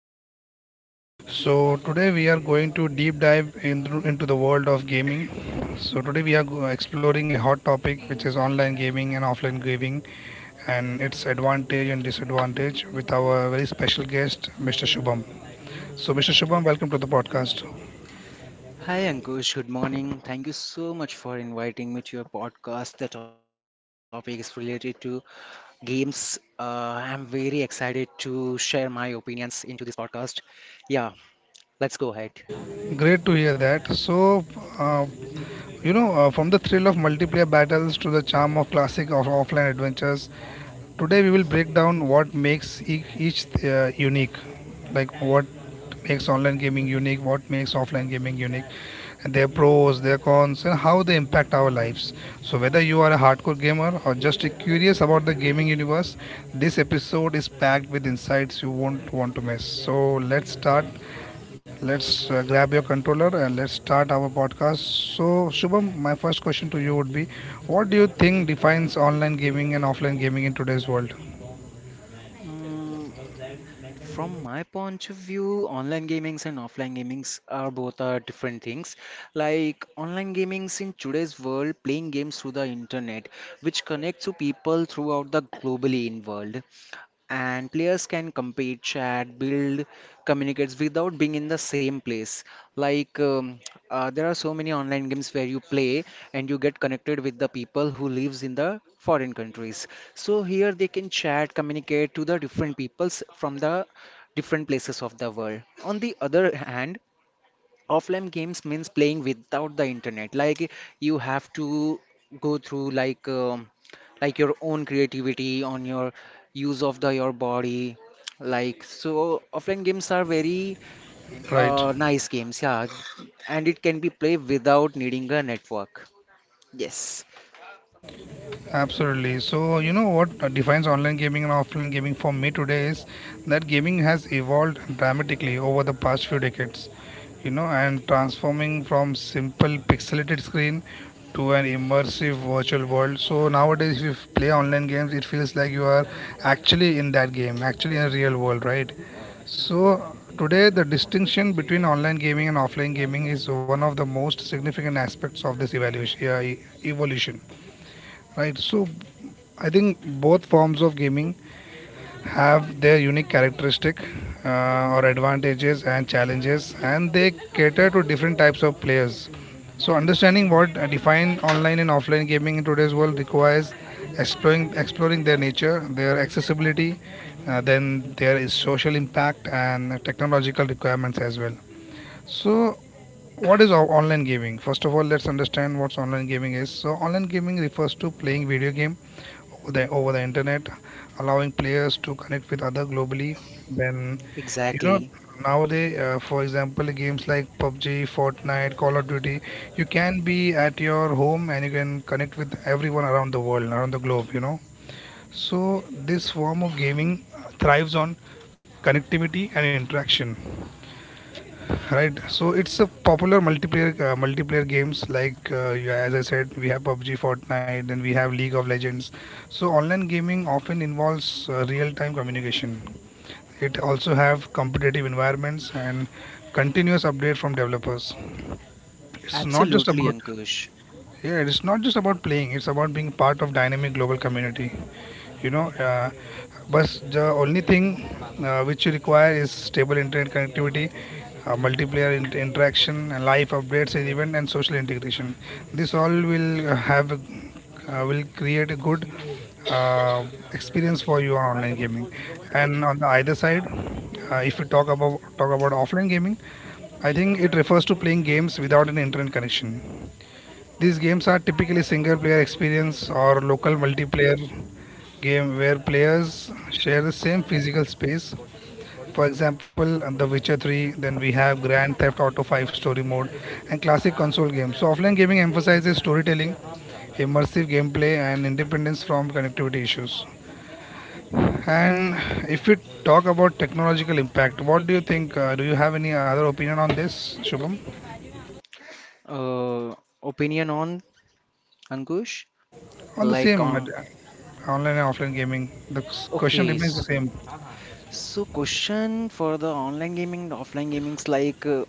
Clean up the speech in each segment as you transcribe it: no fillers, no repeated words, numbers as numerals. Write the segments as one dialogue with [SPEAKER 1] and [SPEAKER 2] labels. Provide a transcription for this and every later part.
[SPEAKER 1] podcast. So, today we are going to deep dive into the world of gaming. So, today we are go- Exploring a hot topic which is online gaming and offline gaming and its advantage and disadvantage with our very special guest, Mister Shubham. So, Mister Shubham, welcome to the podcast.
[SPEAKER 2] Hi Ankush, good morning. Thank you so much for inviting me to your podcast. The topic is related to games. I'm very excited to share my opinions into this podcast. Yeah, let's go ahead.
[SPEAKER 1] Great to hear that. Uh, from the thrill of multiplayer battles to the charm of classic or offline adventures, today we will break down what makes each unique, like what makes online gaming unique, what makes offline gaming unique, and their pros, their cons, and how they impact our lives. So whether you are a hardcore gamer or just curious about the gaming universe, this episode is packed with insights you won't want to miss. So let's start. Let's grab your controller and let's start our podcast. So Shubham, my first question to you would be, what do you think defines online gaming and offline gaming in today's world?
[SPEAKER 2] Mm, from my point of view, online gamings and offline gamings are both are different things. Like online gamings in today's world, playing games through the internet, which connects to people throughout the globally in world. And players can compete, chat, build, communicates without being in the same place. Like there are so many online games where you play and you get connected with the people who lives in the foreign countries. So here they can chat, communicate to the different peoples from the different places of the world. On the other hand, offline games means playing without the internet, like you have to go through like your own creativity on your use of the your body like. So offline games are very
[SPEAKER 1] Right,
[SPEAKER 2] nice games, yeah, and it can be played without needing a network. Yes,
[SPEAKER 1] absolutely. So, you know what defines online gaming and offline gaming for me today is that gaming has evolved dramatically over the past few decades, you know, and transforming from simple pixelated screen to an immersive virtual world. So, nowadays, if you play online games, it feels like you are actually in that game, actually in a real world, right? So, today, the distinction between online gaming and offline gaming is one of the most significant aspects of this evolution, right? So I think both forms of gaming have their unique characteristic, or advantages and challenges, and they cater to different types of players. So, understanding what define online and offline gaming in today's world requires exploring their nature, their accessibility, then there is social impact and technological requirements as well. So, what is online gaming? First of all, let's understand what online gaming is. So, online gaming refers to playing video game over the internet, allowing players to connect with other globally. Then, you know,
[SPEAKER 2] exactly,
[SPEAKER 1] nowadays, for example, games like PUBG, Fortnite, Call of Duty, you can be at your home and you can connect with everyone around the world, around the globe. You know, so this form of gaming thrives on connectivity and interaction. Right, so it's a popular multiplayer games like as I said, we have PUBG, Fortnite, then we have League of Legends. So online gaming often involves real-time communication. It also have competitive environments and continuous update from developers. It's not just
[SPEAKER 2] absolutely,
[SPEAKER 1] about
[SPEAKER 2] Ankush.
[SPEAKER 1] yeah, it's not just about playing. It's about being part of dynamic global community you know uh, but the only thing which you require is stable internet connectivity, multiplayer interaction and live updates and event and social integration. This all will have will create a good uh, experience for you on online gaming.
[SPEAKER 2] I-
[SPEAKER 1] And on the either side, if we talk about offline gaming, I think it refers to playing games without an internet connection. These games are typically single player experience or local multiplayer game where players share the same physical space. For example, The Witcher 3, then we have Grand Theft Auto 5 story mode and classic console games. So offline gaming emphasizes storytelling, immersive gameplay and independence from connectivity issues. And if we talk about technological impact, what do you think? Do you have any other opinion on this, Shubham?
[SPEAKER 2] uh, Opinion on Ankush,
[SPEAKER 1] On the
[SPEAKER 2] like
[SPEAKER 1] same,
[SPEAKER 2] on
[SPEAKER 1] online and offline gaming, the question
[SPEAKER 2] okay
[SPEAKER 1] remains the
[SPEAKER 2] s
[SPEAKER 1] same.
[SPEAKER 2] so, question for the online gaming and offline gamings, like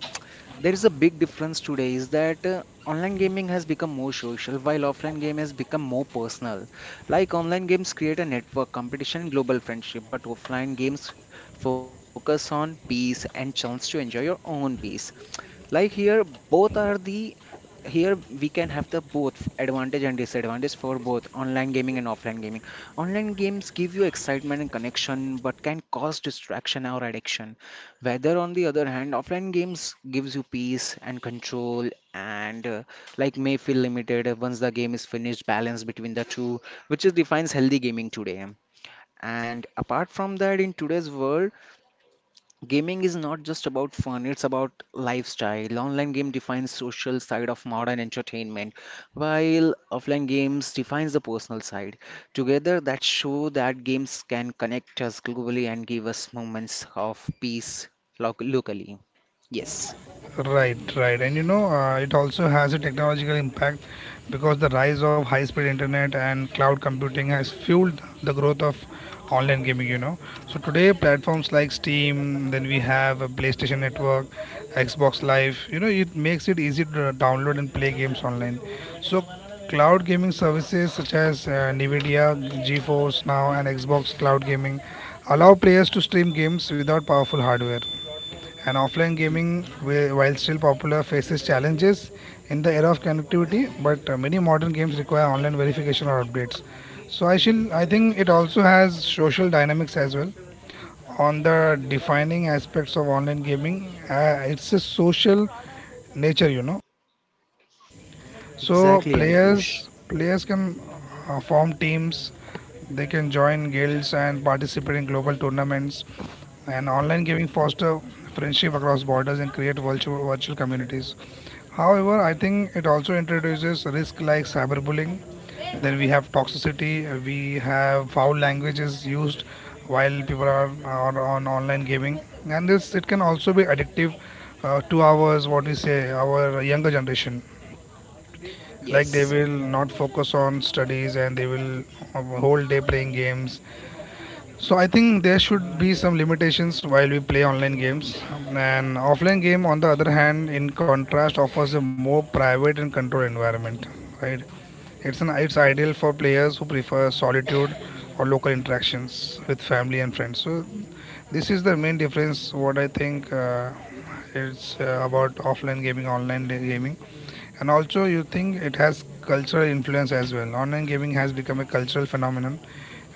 [SPEAKER 2] there is a big difference today is that online gaming has become more social while offline game has become more personal. Like online games create a network, competition, and global friendship, but offline games focus on peace and chance to enjoy your own peace. Like here, both are the here we can have the both advantage and disadvantage for both online gaming and offline gaming. Online games give you excitement and connection but can cause distraction or addiction, whether on the other hand offline games gives you peace and control, and like may feel limited once the game is finished. Balance between the two, which is defines healthy gaming today. And apart from that, in today's world, gaming is not just about fun, it's about lifestyle. Online game defines social side of modern entertainment, while offline games defines the personal side. Together that show that games can connect us globally and give us moments of peace locally. Yes.
[SPEAKER 1] Right, right. And you know, it also has a technological impact because the rise of high speed internet and cloud computing has fueled the growth of online gaming, you know. So today, platforms like Steam, then we have a PlayStation Network, Xbox Live, you know, it makes it easy to download and play games online. So cloud gaming services such as NVIDIA, GeForce Now, and Xbox Cloud Gaming allow players to stream games without powerful hardware, and offline gaming, while still popular, faces challenges in the era of connectivity, but many modern games require online verification or updates. So I shall, I think it also has social dynamics as well. On the defining aspects of online gaming, it's a social nature, you know. So
[SPEAKER 2] Exactly, Ankush.
[SPEAKER 1] players can form teams, they can join guilds and participate in global tournaments. And online gaming foster friendship across borders and create virtual communities. However, I think it also introduces risk like cyberbullying. Then we have toxicity. We have foul languages used while people are on online gaming, and this it can also be addictive to ours. What we say, our younger generation, like they
[SPEAKER 2] Yes.
[SPEAKER 1] will not focus on studies and they will have a whole day playing games. So I think there should be some limitations while we play online games. And offline game on the other hand in contrast offers a more private and controlled environment, right? It's an it's ideal for players who prefer solitude or local interactions with family and friends. So this is the main difference what I think, it's about offline gaming online gaming. And also, you think it has cultural influence as well. Online gaming has become a cultural phenomenon,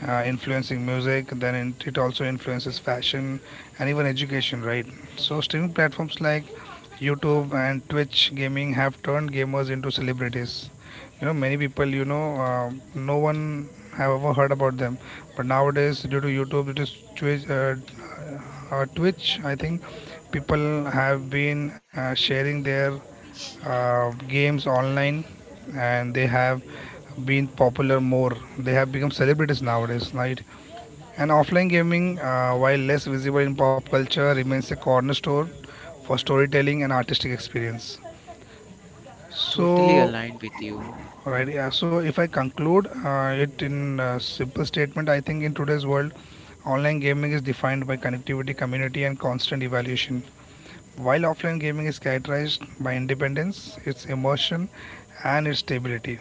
[SPEAKER 1] influencing music. Then it also influences fashion and even education, right? So streaming platforms like YouTube and Twitch gaming have turned gamers into celebrities. You know, many people, you know, no one have ever heard about them, but nowadays due to YouTube, it is Twitch. I think people have been sharing their games online and they have been popular more, they have become celebrities nowadays, right? And offline gaming, while less visible in pop culture, remains a cornerstone for storytelling and artistic experience.
[SPEAKER 2] Totally
[SPEAKER 1] So
[SPEAKER 2] aligned with you.
[SPEAKER 1] right, yeah, so if I conclude, it in a simple statement, I think in today's world online gaming is defined by connectivity community and constant evaluation, while offline gaming is characterized by independence, its immersion, and its stability.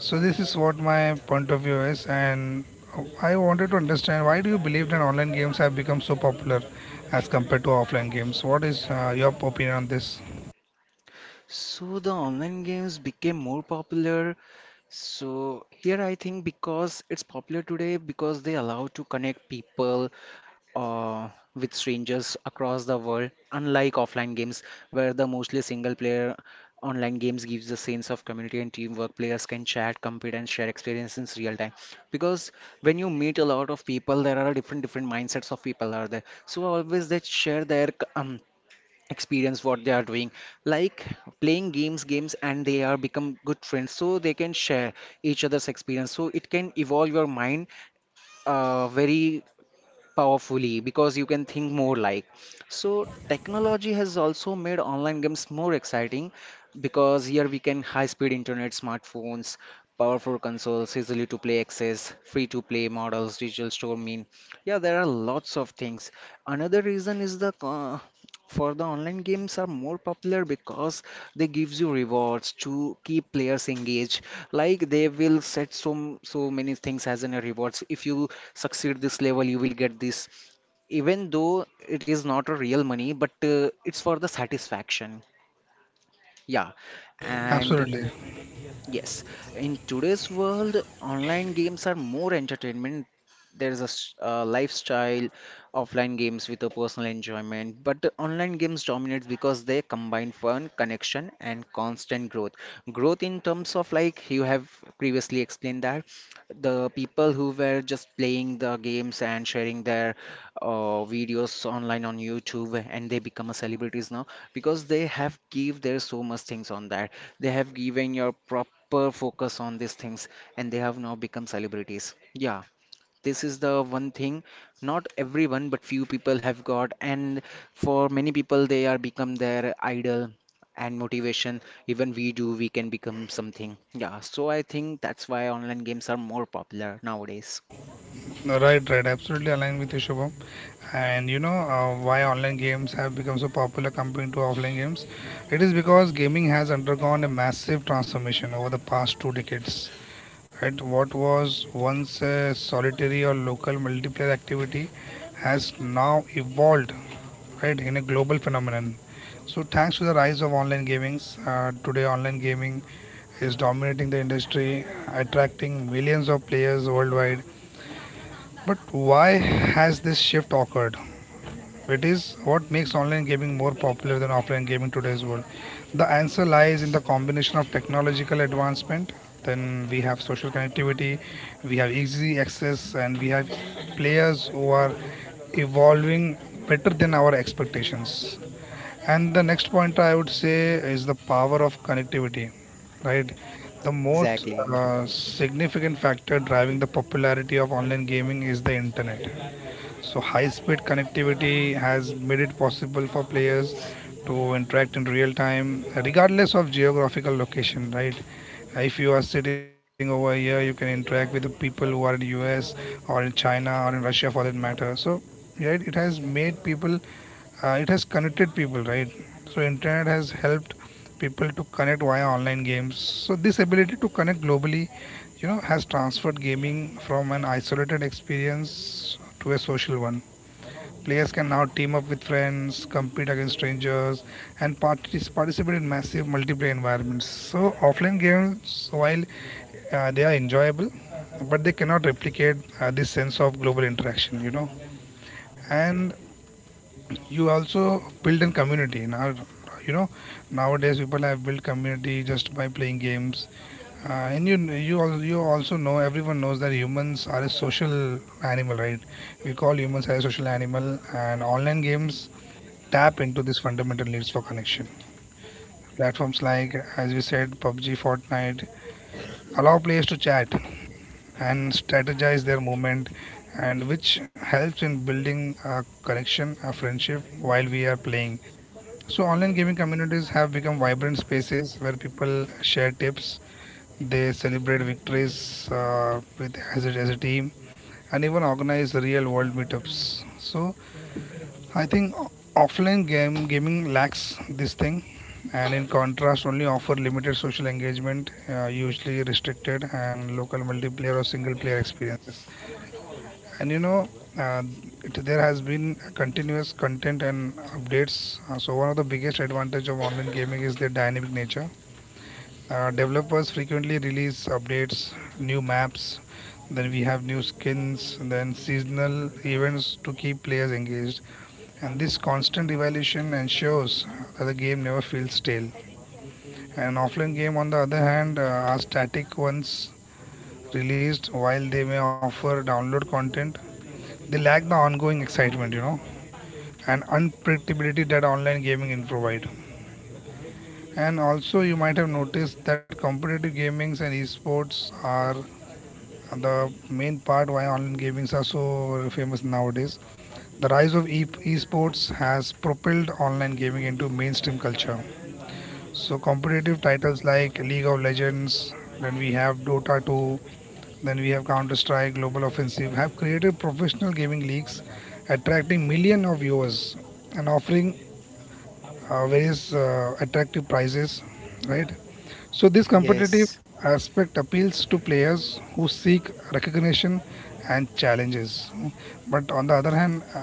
[SPEAKER 1] So this is what my point of view is, and I wanted to understand why do you believe that online games have become so popular as compared to offline games? What is your opinion on this?
[SPEAKER 2] So the online games became more popular. So here I think because it's popular today because they allow to connect people uh, with strangers across the world, unlike offline games where the mostly single player. Online games gives a sense of community and teamwork. Players can chat, compete, and share experiences in real time. Because when you meet a lot of people, there are different different mindsets of people are there. So always they share their experience what they are doing, like playing games and they are become good friends so they can share each other's experience, so it can evolve your mind very powerfully because you can think more like. So technology has also made online games more exciting because here we can high speed internet, smartphones, powerful consoles, easily to play access, free to play models, digital store mean. Yeah, there are lots of things. Another reason is for the online games are more popular because they gives you rewards to keep players engaged. Like they will set so so many things as in a rewards. If you succeed this level, you will get this. Even though it is not a real money, but it's for the satisfaction. Yeah, and
[SPEAKER 1] Absolutely,
[SPEAKER 2] yes, in today's world, online games are more entertainment. There is a lifestyle. Offline games with a personal enjoyment, but the online games dominates because they combine fun, connection, and constant growth. Growth in terms of like you have previously explained that the people who were just playing the games and sharing their videos online on YouTube and they become a celebrities now because they have give their so much things on that, they have given your prop hyper focus on these things, and they have now become celebrities. Yeah, this is the one thing, not everyone but few people have got, and for many people they are become their idol and motivation, even we do we can become something. Yeah, so I think that's why online games are more popular nowadays.
[SPEAKER 1] right, right, absolutely aligned with you, Shubham. And you know, why online games have become so popular compared to offline games? It is because gaming has undergone a massive transformation over the past two decades. At what was once a solitary or local multiplayer activity has now evolved, right, in a global phenomenon. So thanks to the rise of online gamings, today online gaming is dominating the industry, attracting millions of players worldwide. But why has this shift occurred? It is what makes online gaming more popular than offline gaming in today's world. The answer lies in the combination of technological advancement, then we have social connectivity, we have easy access, and we have players who are evolving better than our expectations. And the next point I would say is the power of connectivity, right? The most
[SPEAKER 2] Exactly.
[SPEAKER 1] significant factor driving the popularity of online gaming is the internet. So high speed connectivity has made it possible for players to interact in real time regardless of geographical location, right? If you are sitting over here, you can interact with the people who are in the US or in China or in Russia for that matter. So, right, it has made people, it has connected people, right? So internet has helped people to connect via online games. So this ability to connect globally, you know, has transferred gaming from an isolated experience to a social one. Players can now team up with friends, compete against strangers, and participate in massive multiplayer environments. So, offline games, while they are enjoyable, but they cannot replicate this sense of global interaction, you know. And you also build in community. Now, you know, nowadays people have built community just by playing games, and you you also know everyone knows that humans are a social animal, right? We call humans as a social animal, and online games tap into this fundamental needs for connection. Platforms like, as we said, PUBG, Fortnite allow players to chat and strategize their movement, and which helps in building a connection, a friendship while we are playing. So, online gaming communities have become vibrant spaces where people share tips, they celebrate victories with as as a team, and even organize real world meetups. So I think offline game gaming lacks this thing, and in contrast, only offer limited social engagement, usually restricted and local multiplayer or single player experiences. And you know, uh, there has been continuous content and updates. So one of the biggest advantage of online gaming is their dynamic nature. Developers frequently release updates, new maps, then we have new skins, then seasonal events to keep players engaged. And this constant evaluation ensures that the game never feels stale. An offline game, on the other hand, are static once released, while they may offer download content. They lack the ongoing excitement, and unpredictability that online gaming can provide. And also, you might have noticed that competitive gamings and esports are the main part why online gamings are so famous nowadays. The rise of esports has propelled online gaming into mainstream culture. So competitive titles like League of Legends, then we have Dota 2, then we have Counter Strike, Global Offensive have created professional gaming leagues attracting millions of viewers and offering various attractive prizes, right? So this competitive
[SPEAKER 2] Yes,
[SPEAKER 1] aspect appeals to players who seek recognition and challenges. But on the other hand,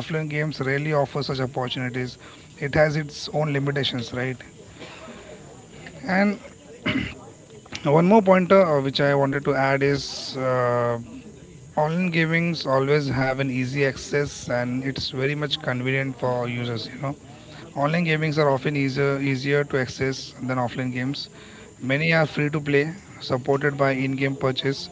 [SPEAKER 1] offline games rarely offer such opportunities. It has its own limitations, right? And one more pointer which I wanted to add is. Online gamings always have an easy access and it's very much convenient for users. You know, online gamings are often easier to access than offline games. Many are free to play, supported by in-game purchase,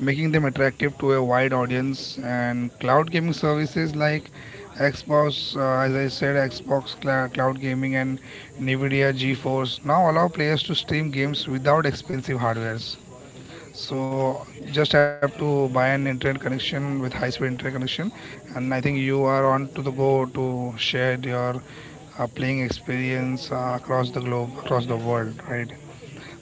[SPEAKER 1] making them attractive to a wide audience. And cloud gaming services like Xbox, as I said, Xbox Cloud Gaming and NVIDIA GeForce now allow players to stream games without expensive hardwares. So just have to buy an internet connection with high-speed internet connection, and I think you are on to the go to share your playing experience across the globe, across the world, right?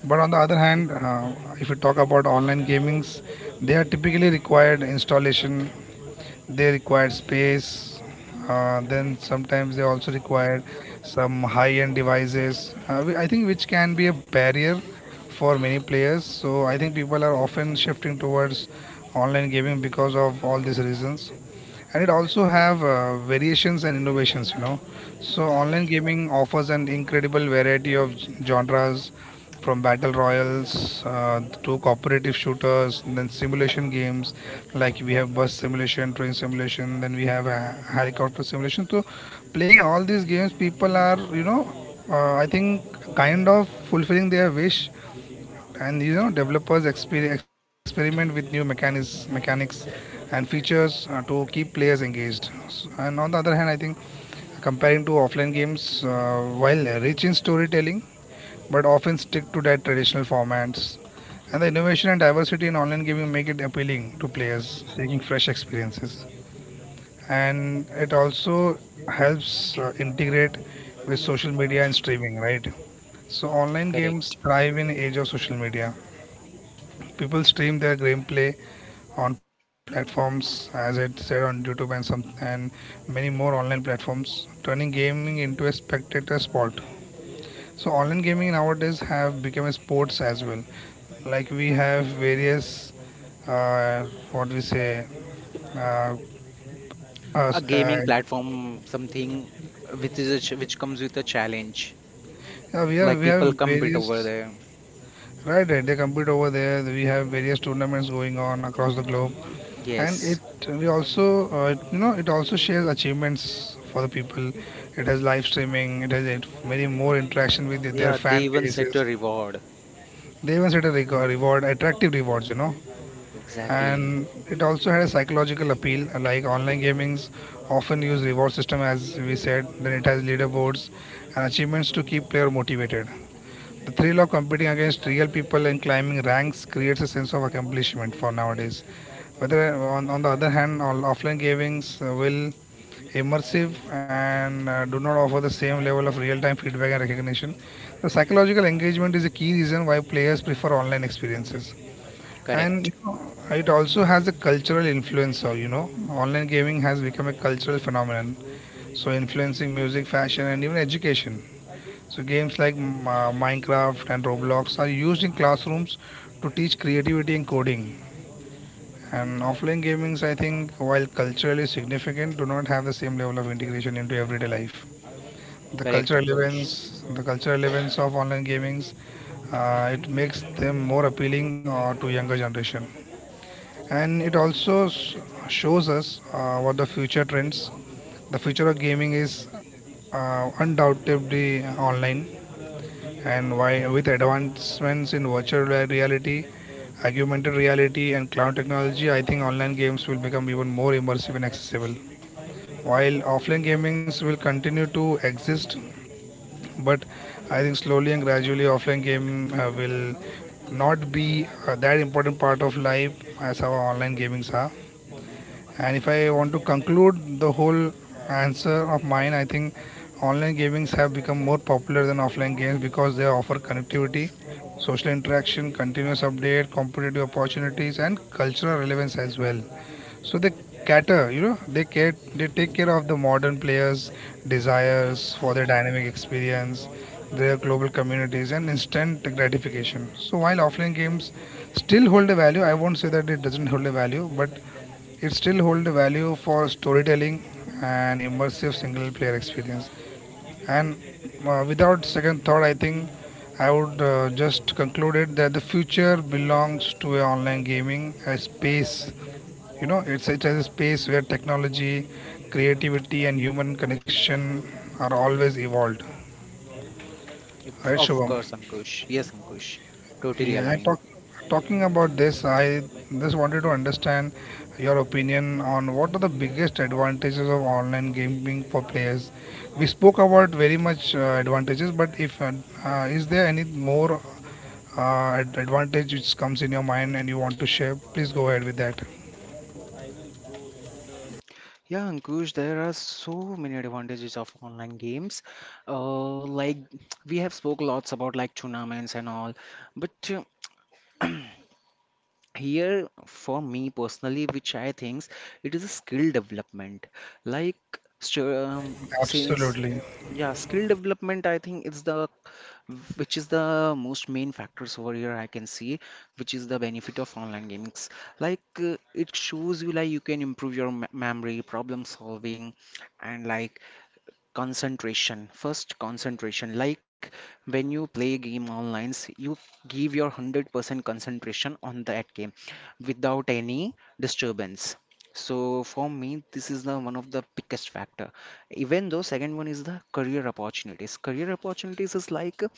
[SPEAKER 1] But on the other hand, if you talk about online gamings, they are typically required installation. They require space. Then sometimes they also require some high-end devices. I think which can be a barrier for many players. So I think people are often shifting towards online gaming because of all these reasons, and it also have variations and innovations, you know. So online gaming offers an incredible variety of genres, from battle royals to cooperative shooters and then simulation games, like we have bus simulation, train simulation, then we have a helicopter simulation. So playing all these games people are, I think, kind of fulfilling their wish. And you know, developers experiment with new mechanics and features to keep players engaged. And on the other hand, I think, comparing to offline games, while rich in storytelling, but often stick to their traditional formats. And the innovation and diversity in online gaming make it appealing to players seeking fresh experiences. And it also helps integrate with social media and streaming, right? So online games
[SPEAKER 2] correct.
[SPEAKER 1] thrive in age of social media. People stream their gameplay on platforms, as I said, on YouTube and some and many more online platforms, turning gaming into a spectator sport. So online gaming nowadays have become a sports as well. Like we have various, uh, what we say, uh,
[SPEAKER 2] A
[SPEAKER 1] us-
[SPEAKER 2] gaming
[SPEAKER 1] uh,
[SPEAKER 2] platform something which is a which comes with a challenge.
[SPEAKER 1] yeah,
[SPEAKER 2] Like
[SPEAKER 1] we have
[SPEAKER 2] people compete over
[SPEAKER 1] various.
[SPEAKER 2] there.
[SPEAKER 1] Right, right. They compete over there. We have various tournaments going on across the globe.
[SPEAKER 2] Y-
[SPEAKER 1] And it,
[SPEAKER 2] yes.
[SPEAKER 1] we also, you know, it also shares achievements for the people. It has live streaming, it has it, many more interaction with their
[SPEAKER 2] Yeah, they
[SPEAKER 1] fan
[SPEAKER 2] even set
[SPEAKER 1] bases.
[SPEAKER 2] a reward.
[SPEAKER 1] They even set a record, reward, attractive rewards, you know.
[SPEAKER 2] Exactly.
[SPEAKER 1] And it also had a psychological appeal. Like online gamings often use reward system, as we said, then it has leaderboards and achievements to keep player motivated. The thrill of competing against real people and climbing ranks creates a sense of accomplishment for nowadays. Whether on the other hand, all offline gamings will immersive and do not offer the same level of real-time feedback and recognition. The psychological engagement is a key reason why players prefer online experiences, and
[SPEAKER 2] Correct.
[SPEAKER 1] you know, it also has a cultural influence. So you know, online gaming has become a cultural phenomenon, so influencing music, fashion, and even education. So games like Minecraft and Roblox are used in classrooms to teach creativity and coding. And offline gamings, I think, while culturally significant, do not have the same level of integration into everyday life.
[SPEAKER 2] Correct, Ankush.
[SPEAKER 1] The cultural events of online gamings, it makes them more appealing to younger generation. And it also shows us what the future trends. The future of gaming is undoubtedly online. And why, with advancements in virtual reality, augmented reality, and cloud technology, I think online games will become even more immersive and accessible. While offline gamings will continue to exist, but I think slowly and gradually offline gaming will not be that important part of life as our online gamings are. And if I want to conclude the whole answer of mine, I think online gamings have become more popular than offline games because they offer connectivity, social interaction, continuous update, competitive opportunities, and cultural relevance as well. So they cater, you know, they take care of the modern players' desires for their dynamic experience, their global communities, and instant gratification. So while offline games still hold a value, I won't say that it doesn't hold a value, but it still hold a value for storytelling and immersive single-player experience. And without second thought, I think I would just conclude it that the future belongs to a online gaming, a space. You know, it is a space where technology, creativity, and human connection are always evolved.
[SPEAKER 2] Yep,
[SPEAKER 1] Right,
[SPEAKER 2] of
[SPEAKER 1] Shubham?
[SPEAKER 2] course, Ankush. Yes, Ankush. Totally
[SPEAKER 1] Yeah,
[SPEAKER 2] aligned.
[SPEAKER 1] talking about this, I just wanted to understand your opinion on what are the biggest advantages of online gaming for players. We spoke about very much advantages, but if is there any more advantage which comes in your mind and you want to share, please go ahead with that.
[SPEAKER 2] Yeah, Ankush, there are so many advantages of online games. Like we have spoke lots about like tournaments and all, but here, for me personally, which I think it is a skill development. Like, since
[SPEAKER 1] Absolutely,
[SPEAKER 2] yeah, skill development, I think it's the which is the most main factors over here I can see, which is the benefit of online games. Like it shows you like you can improve your me memory, problem solving, and like concentration, first concentration, like when you play game online, you give your 100% concentration on that game without any disturbance. So for me this is the one of the biggest factor. Even though second one is the career opportunities. Career opportunities is like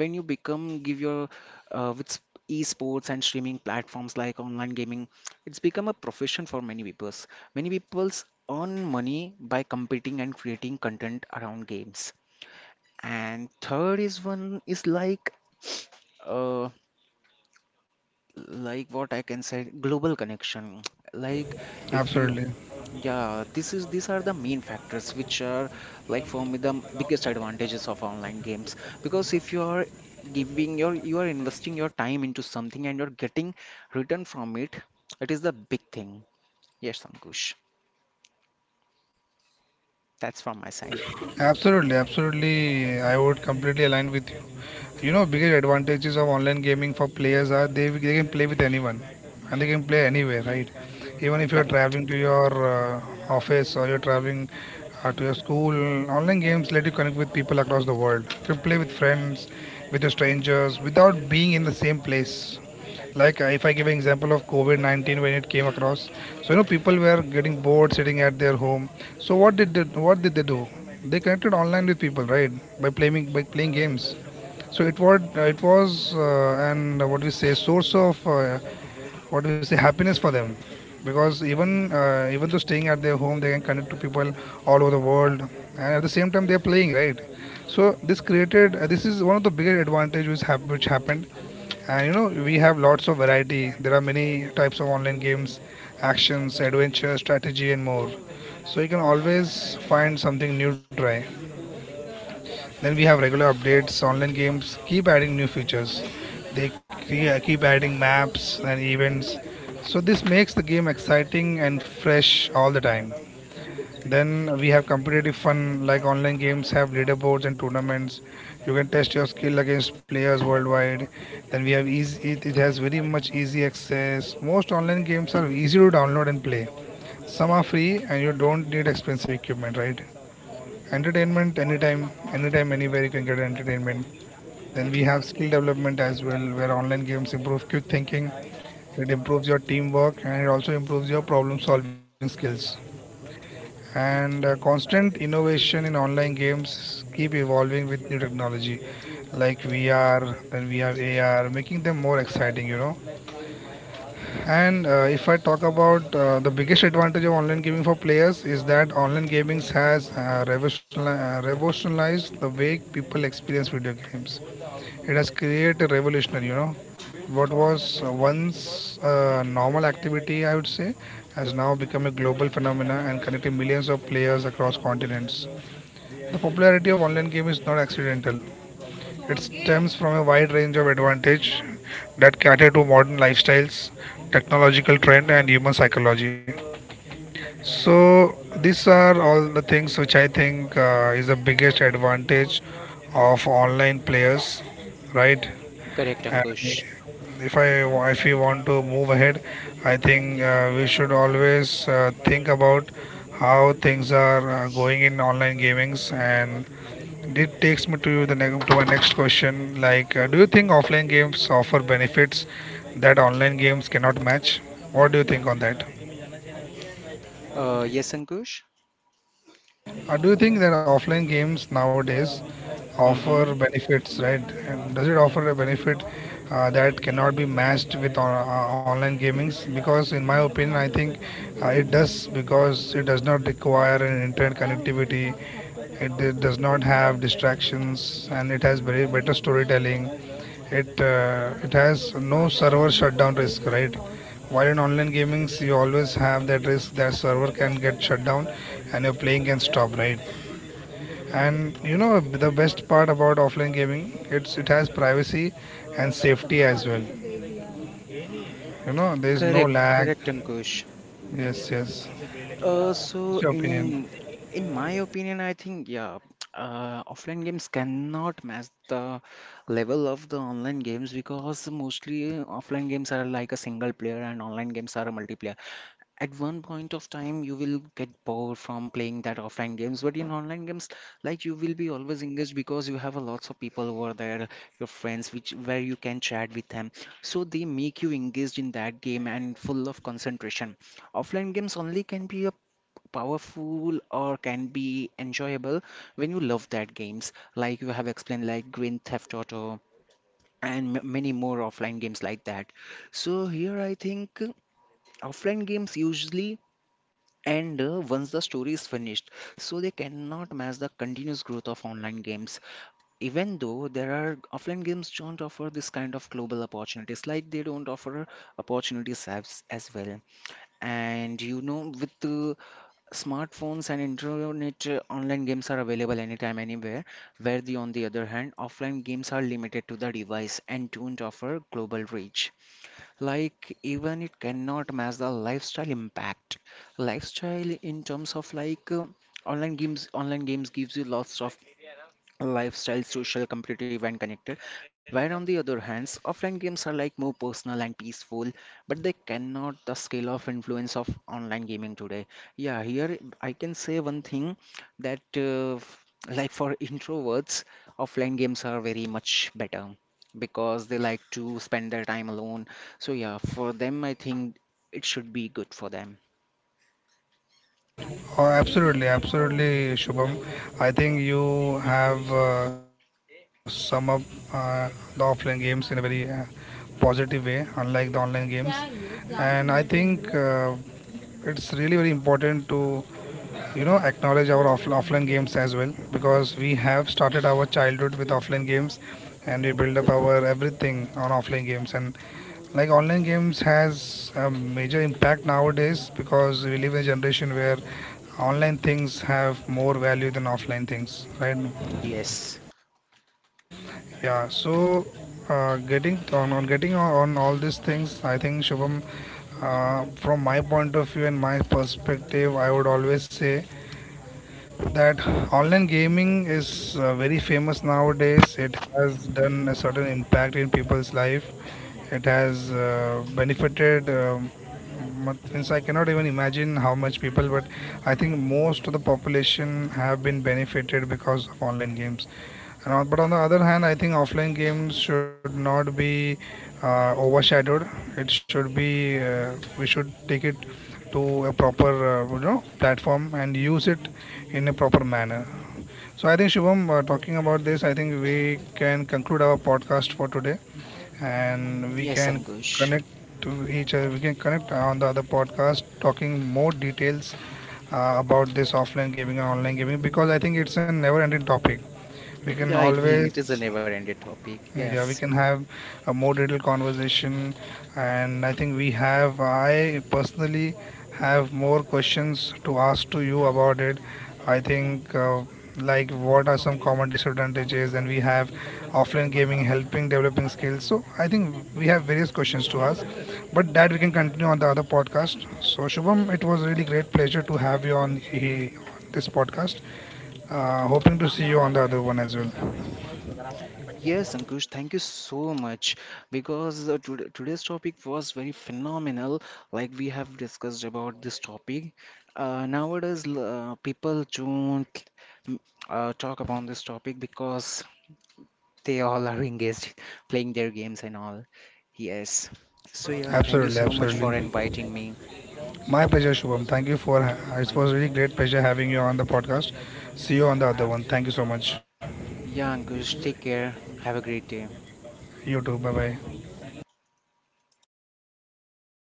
[SPEAKER 2] when you become give your with esports and streaming platforms like online gaming, it's become a profession for many peoples. Many peoples earn money by competing and creating content around games. And third is one is uh like what I can say, global connection. Like if you,
[SPEAKER 1] absolutely.
[SPEAKER 2] yeah, this is these are the main factors which are like for me the biggest advantages of online games, because if you are giving your, you are investing your time into something and you're getting return from it, it is the big thing. Yes, Ankush. That's from my side.
[SPEAKER 1] Absolutely, absolutely. I would completely align with you. You know, biggest advantages of online gaming for players are they can play with anyone, and they can play anywhere, right? Even if you are
[SPEAKER 2] Correct.
[SPEAKER 1] traveling to your office, or you're traveling to your school, online games let you connect with people across the world. You can play with friends, with your strangers, without being in the same place. Like if I give an example of COVID-19 when it came across, so you know people were getting bored sitting at their home. So what did they do? They connected online with people, right? By playing games. So it was an what we say, source of what do you say, happiness for them, because even though staying at their home, they can connect to people all over the world, and at the same time they are playing, right? So this created this is one of the bigger advantage which, which happened. And you know, we have lots of variety. There are many types of online games, actions, adventure, strategy, and more. So you can always find something new to try. Then we have regular updates, online games, keep adding new features. They keep adding maps and events. So this makes the game exciting and fresh all the time. Then we have competitive fun, like online games have leaderboards and tournaments. You can test your skill against players worldwide. Then we have easy, it has very much easy access. Most online games are easy to download and play. Some are free and you don't need expensive equipment, right? Entertainment anytime, anytime, anywhere, you can get entertainment. Then we have skill development as well, where online games improve quick thinking, it improves your teamwork, and it also improves your problem solving skills. And constant innovation in online games keep evolving with new technology, like VR, then we have AR, making them more exciting, you know. And if I talk about the biggest advantage of online gaming for players is that online gaming has revolutionized the way people experience video games. It has created a revolution, you know. What was once a normal activity, I would say, has now become a global phenomenon and connecting millions of players across continents. The popularity of online game is not accidental. It stems from a wide range of advantage that cater to modern lifestyles, technological trend, and human psychology. So these are all the things which I think is the biggest advantage of online players, right?
[SPEAKER 2] Correct,
[SPEAKER 1] And
[SPEAKER 2] Ankush.
[SPEAKER 1] if I, if we want to move ahead, I think we should always think about how things are going in online gamings, and it takes me to the to my next question. Like, do you think offline games offer benefits that online games cannot match? What do you think on that?
[SPEAKER 2] Yes, Ankush.
[SPEAKER 1] Do you think that offline games nowadays
[SPEAKER 2] Mm-hmm.
[SPEAKER 1] offer benefits, right? And does it offer a benefit that cannot be matched with online gamings? Because in my opinion, I think it does, because it does not require an internet connectivity. It, d does not have distractions, and it has very better storytelling. It has no server shutdown risk, right? While in online gaming, you always have that risk that server can get shut down and your playing can stop, right? And you know, the best part about offline gaming, it has privacy and safety as well. You know, there is no
[SPEAKER 2] Correct.
[SPEAKER 1] lag.
[SPEAKER 2] Correct, Ankush.
[SPEAKER 1] Yes, yes.
[SPEAKER 2] Uh, so
[SPEAKER 1] What's your opinion?
[SPEAKER 2] in in my opinion, I think yeah, offline games cannot match the level of the online games because mostly offline games are like a single player and online games are a multiplayer. At one point of time you will get bored from playing that offline games, but in online games, like you will be always engaged because you have a lots of people over there, your friends, which where you can chat with them, so they make you engaged in that game and full of concentration. Offline games only can be a powerful or can be enjoyable when you love that games, like you have explained, like Grand Theft Auto and many more offline games like that. So here I think offline games usually, and once the story is finished, so they cannot match the continuous growth of online games. Even though there are offline games don't offer this kind of global opportunities, like they don't offer opportunities as well. And you know, with the smartphones and internet, online games are available anytime, anywhere. Where the on the other hand, offline games are limited to the device and don't offer global reach, like even it cannot match the lifestyle impact. Lifestyle in terms of like online games gives you lots of lifestyle, social, competitive, and connected. Where on the other hands, offline games are like more personal and peaceful, but they cannot the scale of influence of online gaming today. Yeah, here I can say one thing, that like for introverts, offline games are very much better because they like to spend their time alone. So yeah, for them, I think it should be good for them.
[SPEAKER 1] Oh, absolutely, absolutely, Shubham. I think you have sum up uh, the offline games in a very positive way, unlike the online games. And I think it's really very important to, you know, acknowledge our offline games as well, because we have started our childhood with offline games, and we build up our everything on offline games. And like online games has a major impact nowadays, because we live in a generation where online things have more value than offline things, right?
[SPEAKER 2] Yes.
[SPEAKER 1] Yeah, so getting on, on all these things, I think Shubham, from my point of view and my perspective, I would always say that online gaming is very famous nowadays. It has done a certain impact in people's life. It has benefited. Means I cannot even imagine how much people, but I think most of the population have been benefited because of online games. But on the other hand, I think offline games should not be overshadowed. It should be we should take it to a proper you know, platform, and use it in a proper manner. So I think Shivam, talking about this, I think we can conclude our podcast for today, and we
[SPEAKER 2] Yes,
[SPEAKER 1] can
[SPEAKER 2] Ankush.
[SPEAKER 1] connect to each other. We can connect on the other podcast, talking more details about this offline gaming and online gaming, because I think it's a never-ending topic. We can
[SPEAKER 2] Yeah, it will.
[SPEAKER 1] always
[SPEAKER 2] It is a never-ended topic.
[SPEAKER 1] yeah, we
[SPEAKER 2] Yes.
[SPEAKER 1] can have a more detailed conversation, and I think we have. I personally have more questions to ask to you about it. I think, like, what are some common disadvantages, and we have offline gaming helping developing skills. So, I think we have various questions to ask, but that we can continue on the other podcast. So, Shubham, it was really great pleasure to have you on this podcast. Hoping to see you on the other one as well.
[SPEAKER 2] Yes, Ankush, thank you so much because today's topic was very phenomenal. Like we have discussed about this topic. Nowadays, people don't mm, talk about this topic because they all are engaged playing their games and all. Yes. So yeah, thank you
[SPEAKER 1] Absolutely,
[SPEAKER 2] so much for
[SPEAKER 1] absolutely.
[SPEAKER 2] inviting me.
[SPEAKER 1] My pleasure, Shubham. Thank you for it was really great pleasure having you on the podcast. See you on the other one. Thank you so much.
[SPEAKER 2] Yeah, Ankush, take care. Have a great day.
[SPEAKER 1] You too. Bye bye.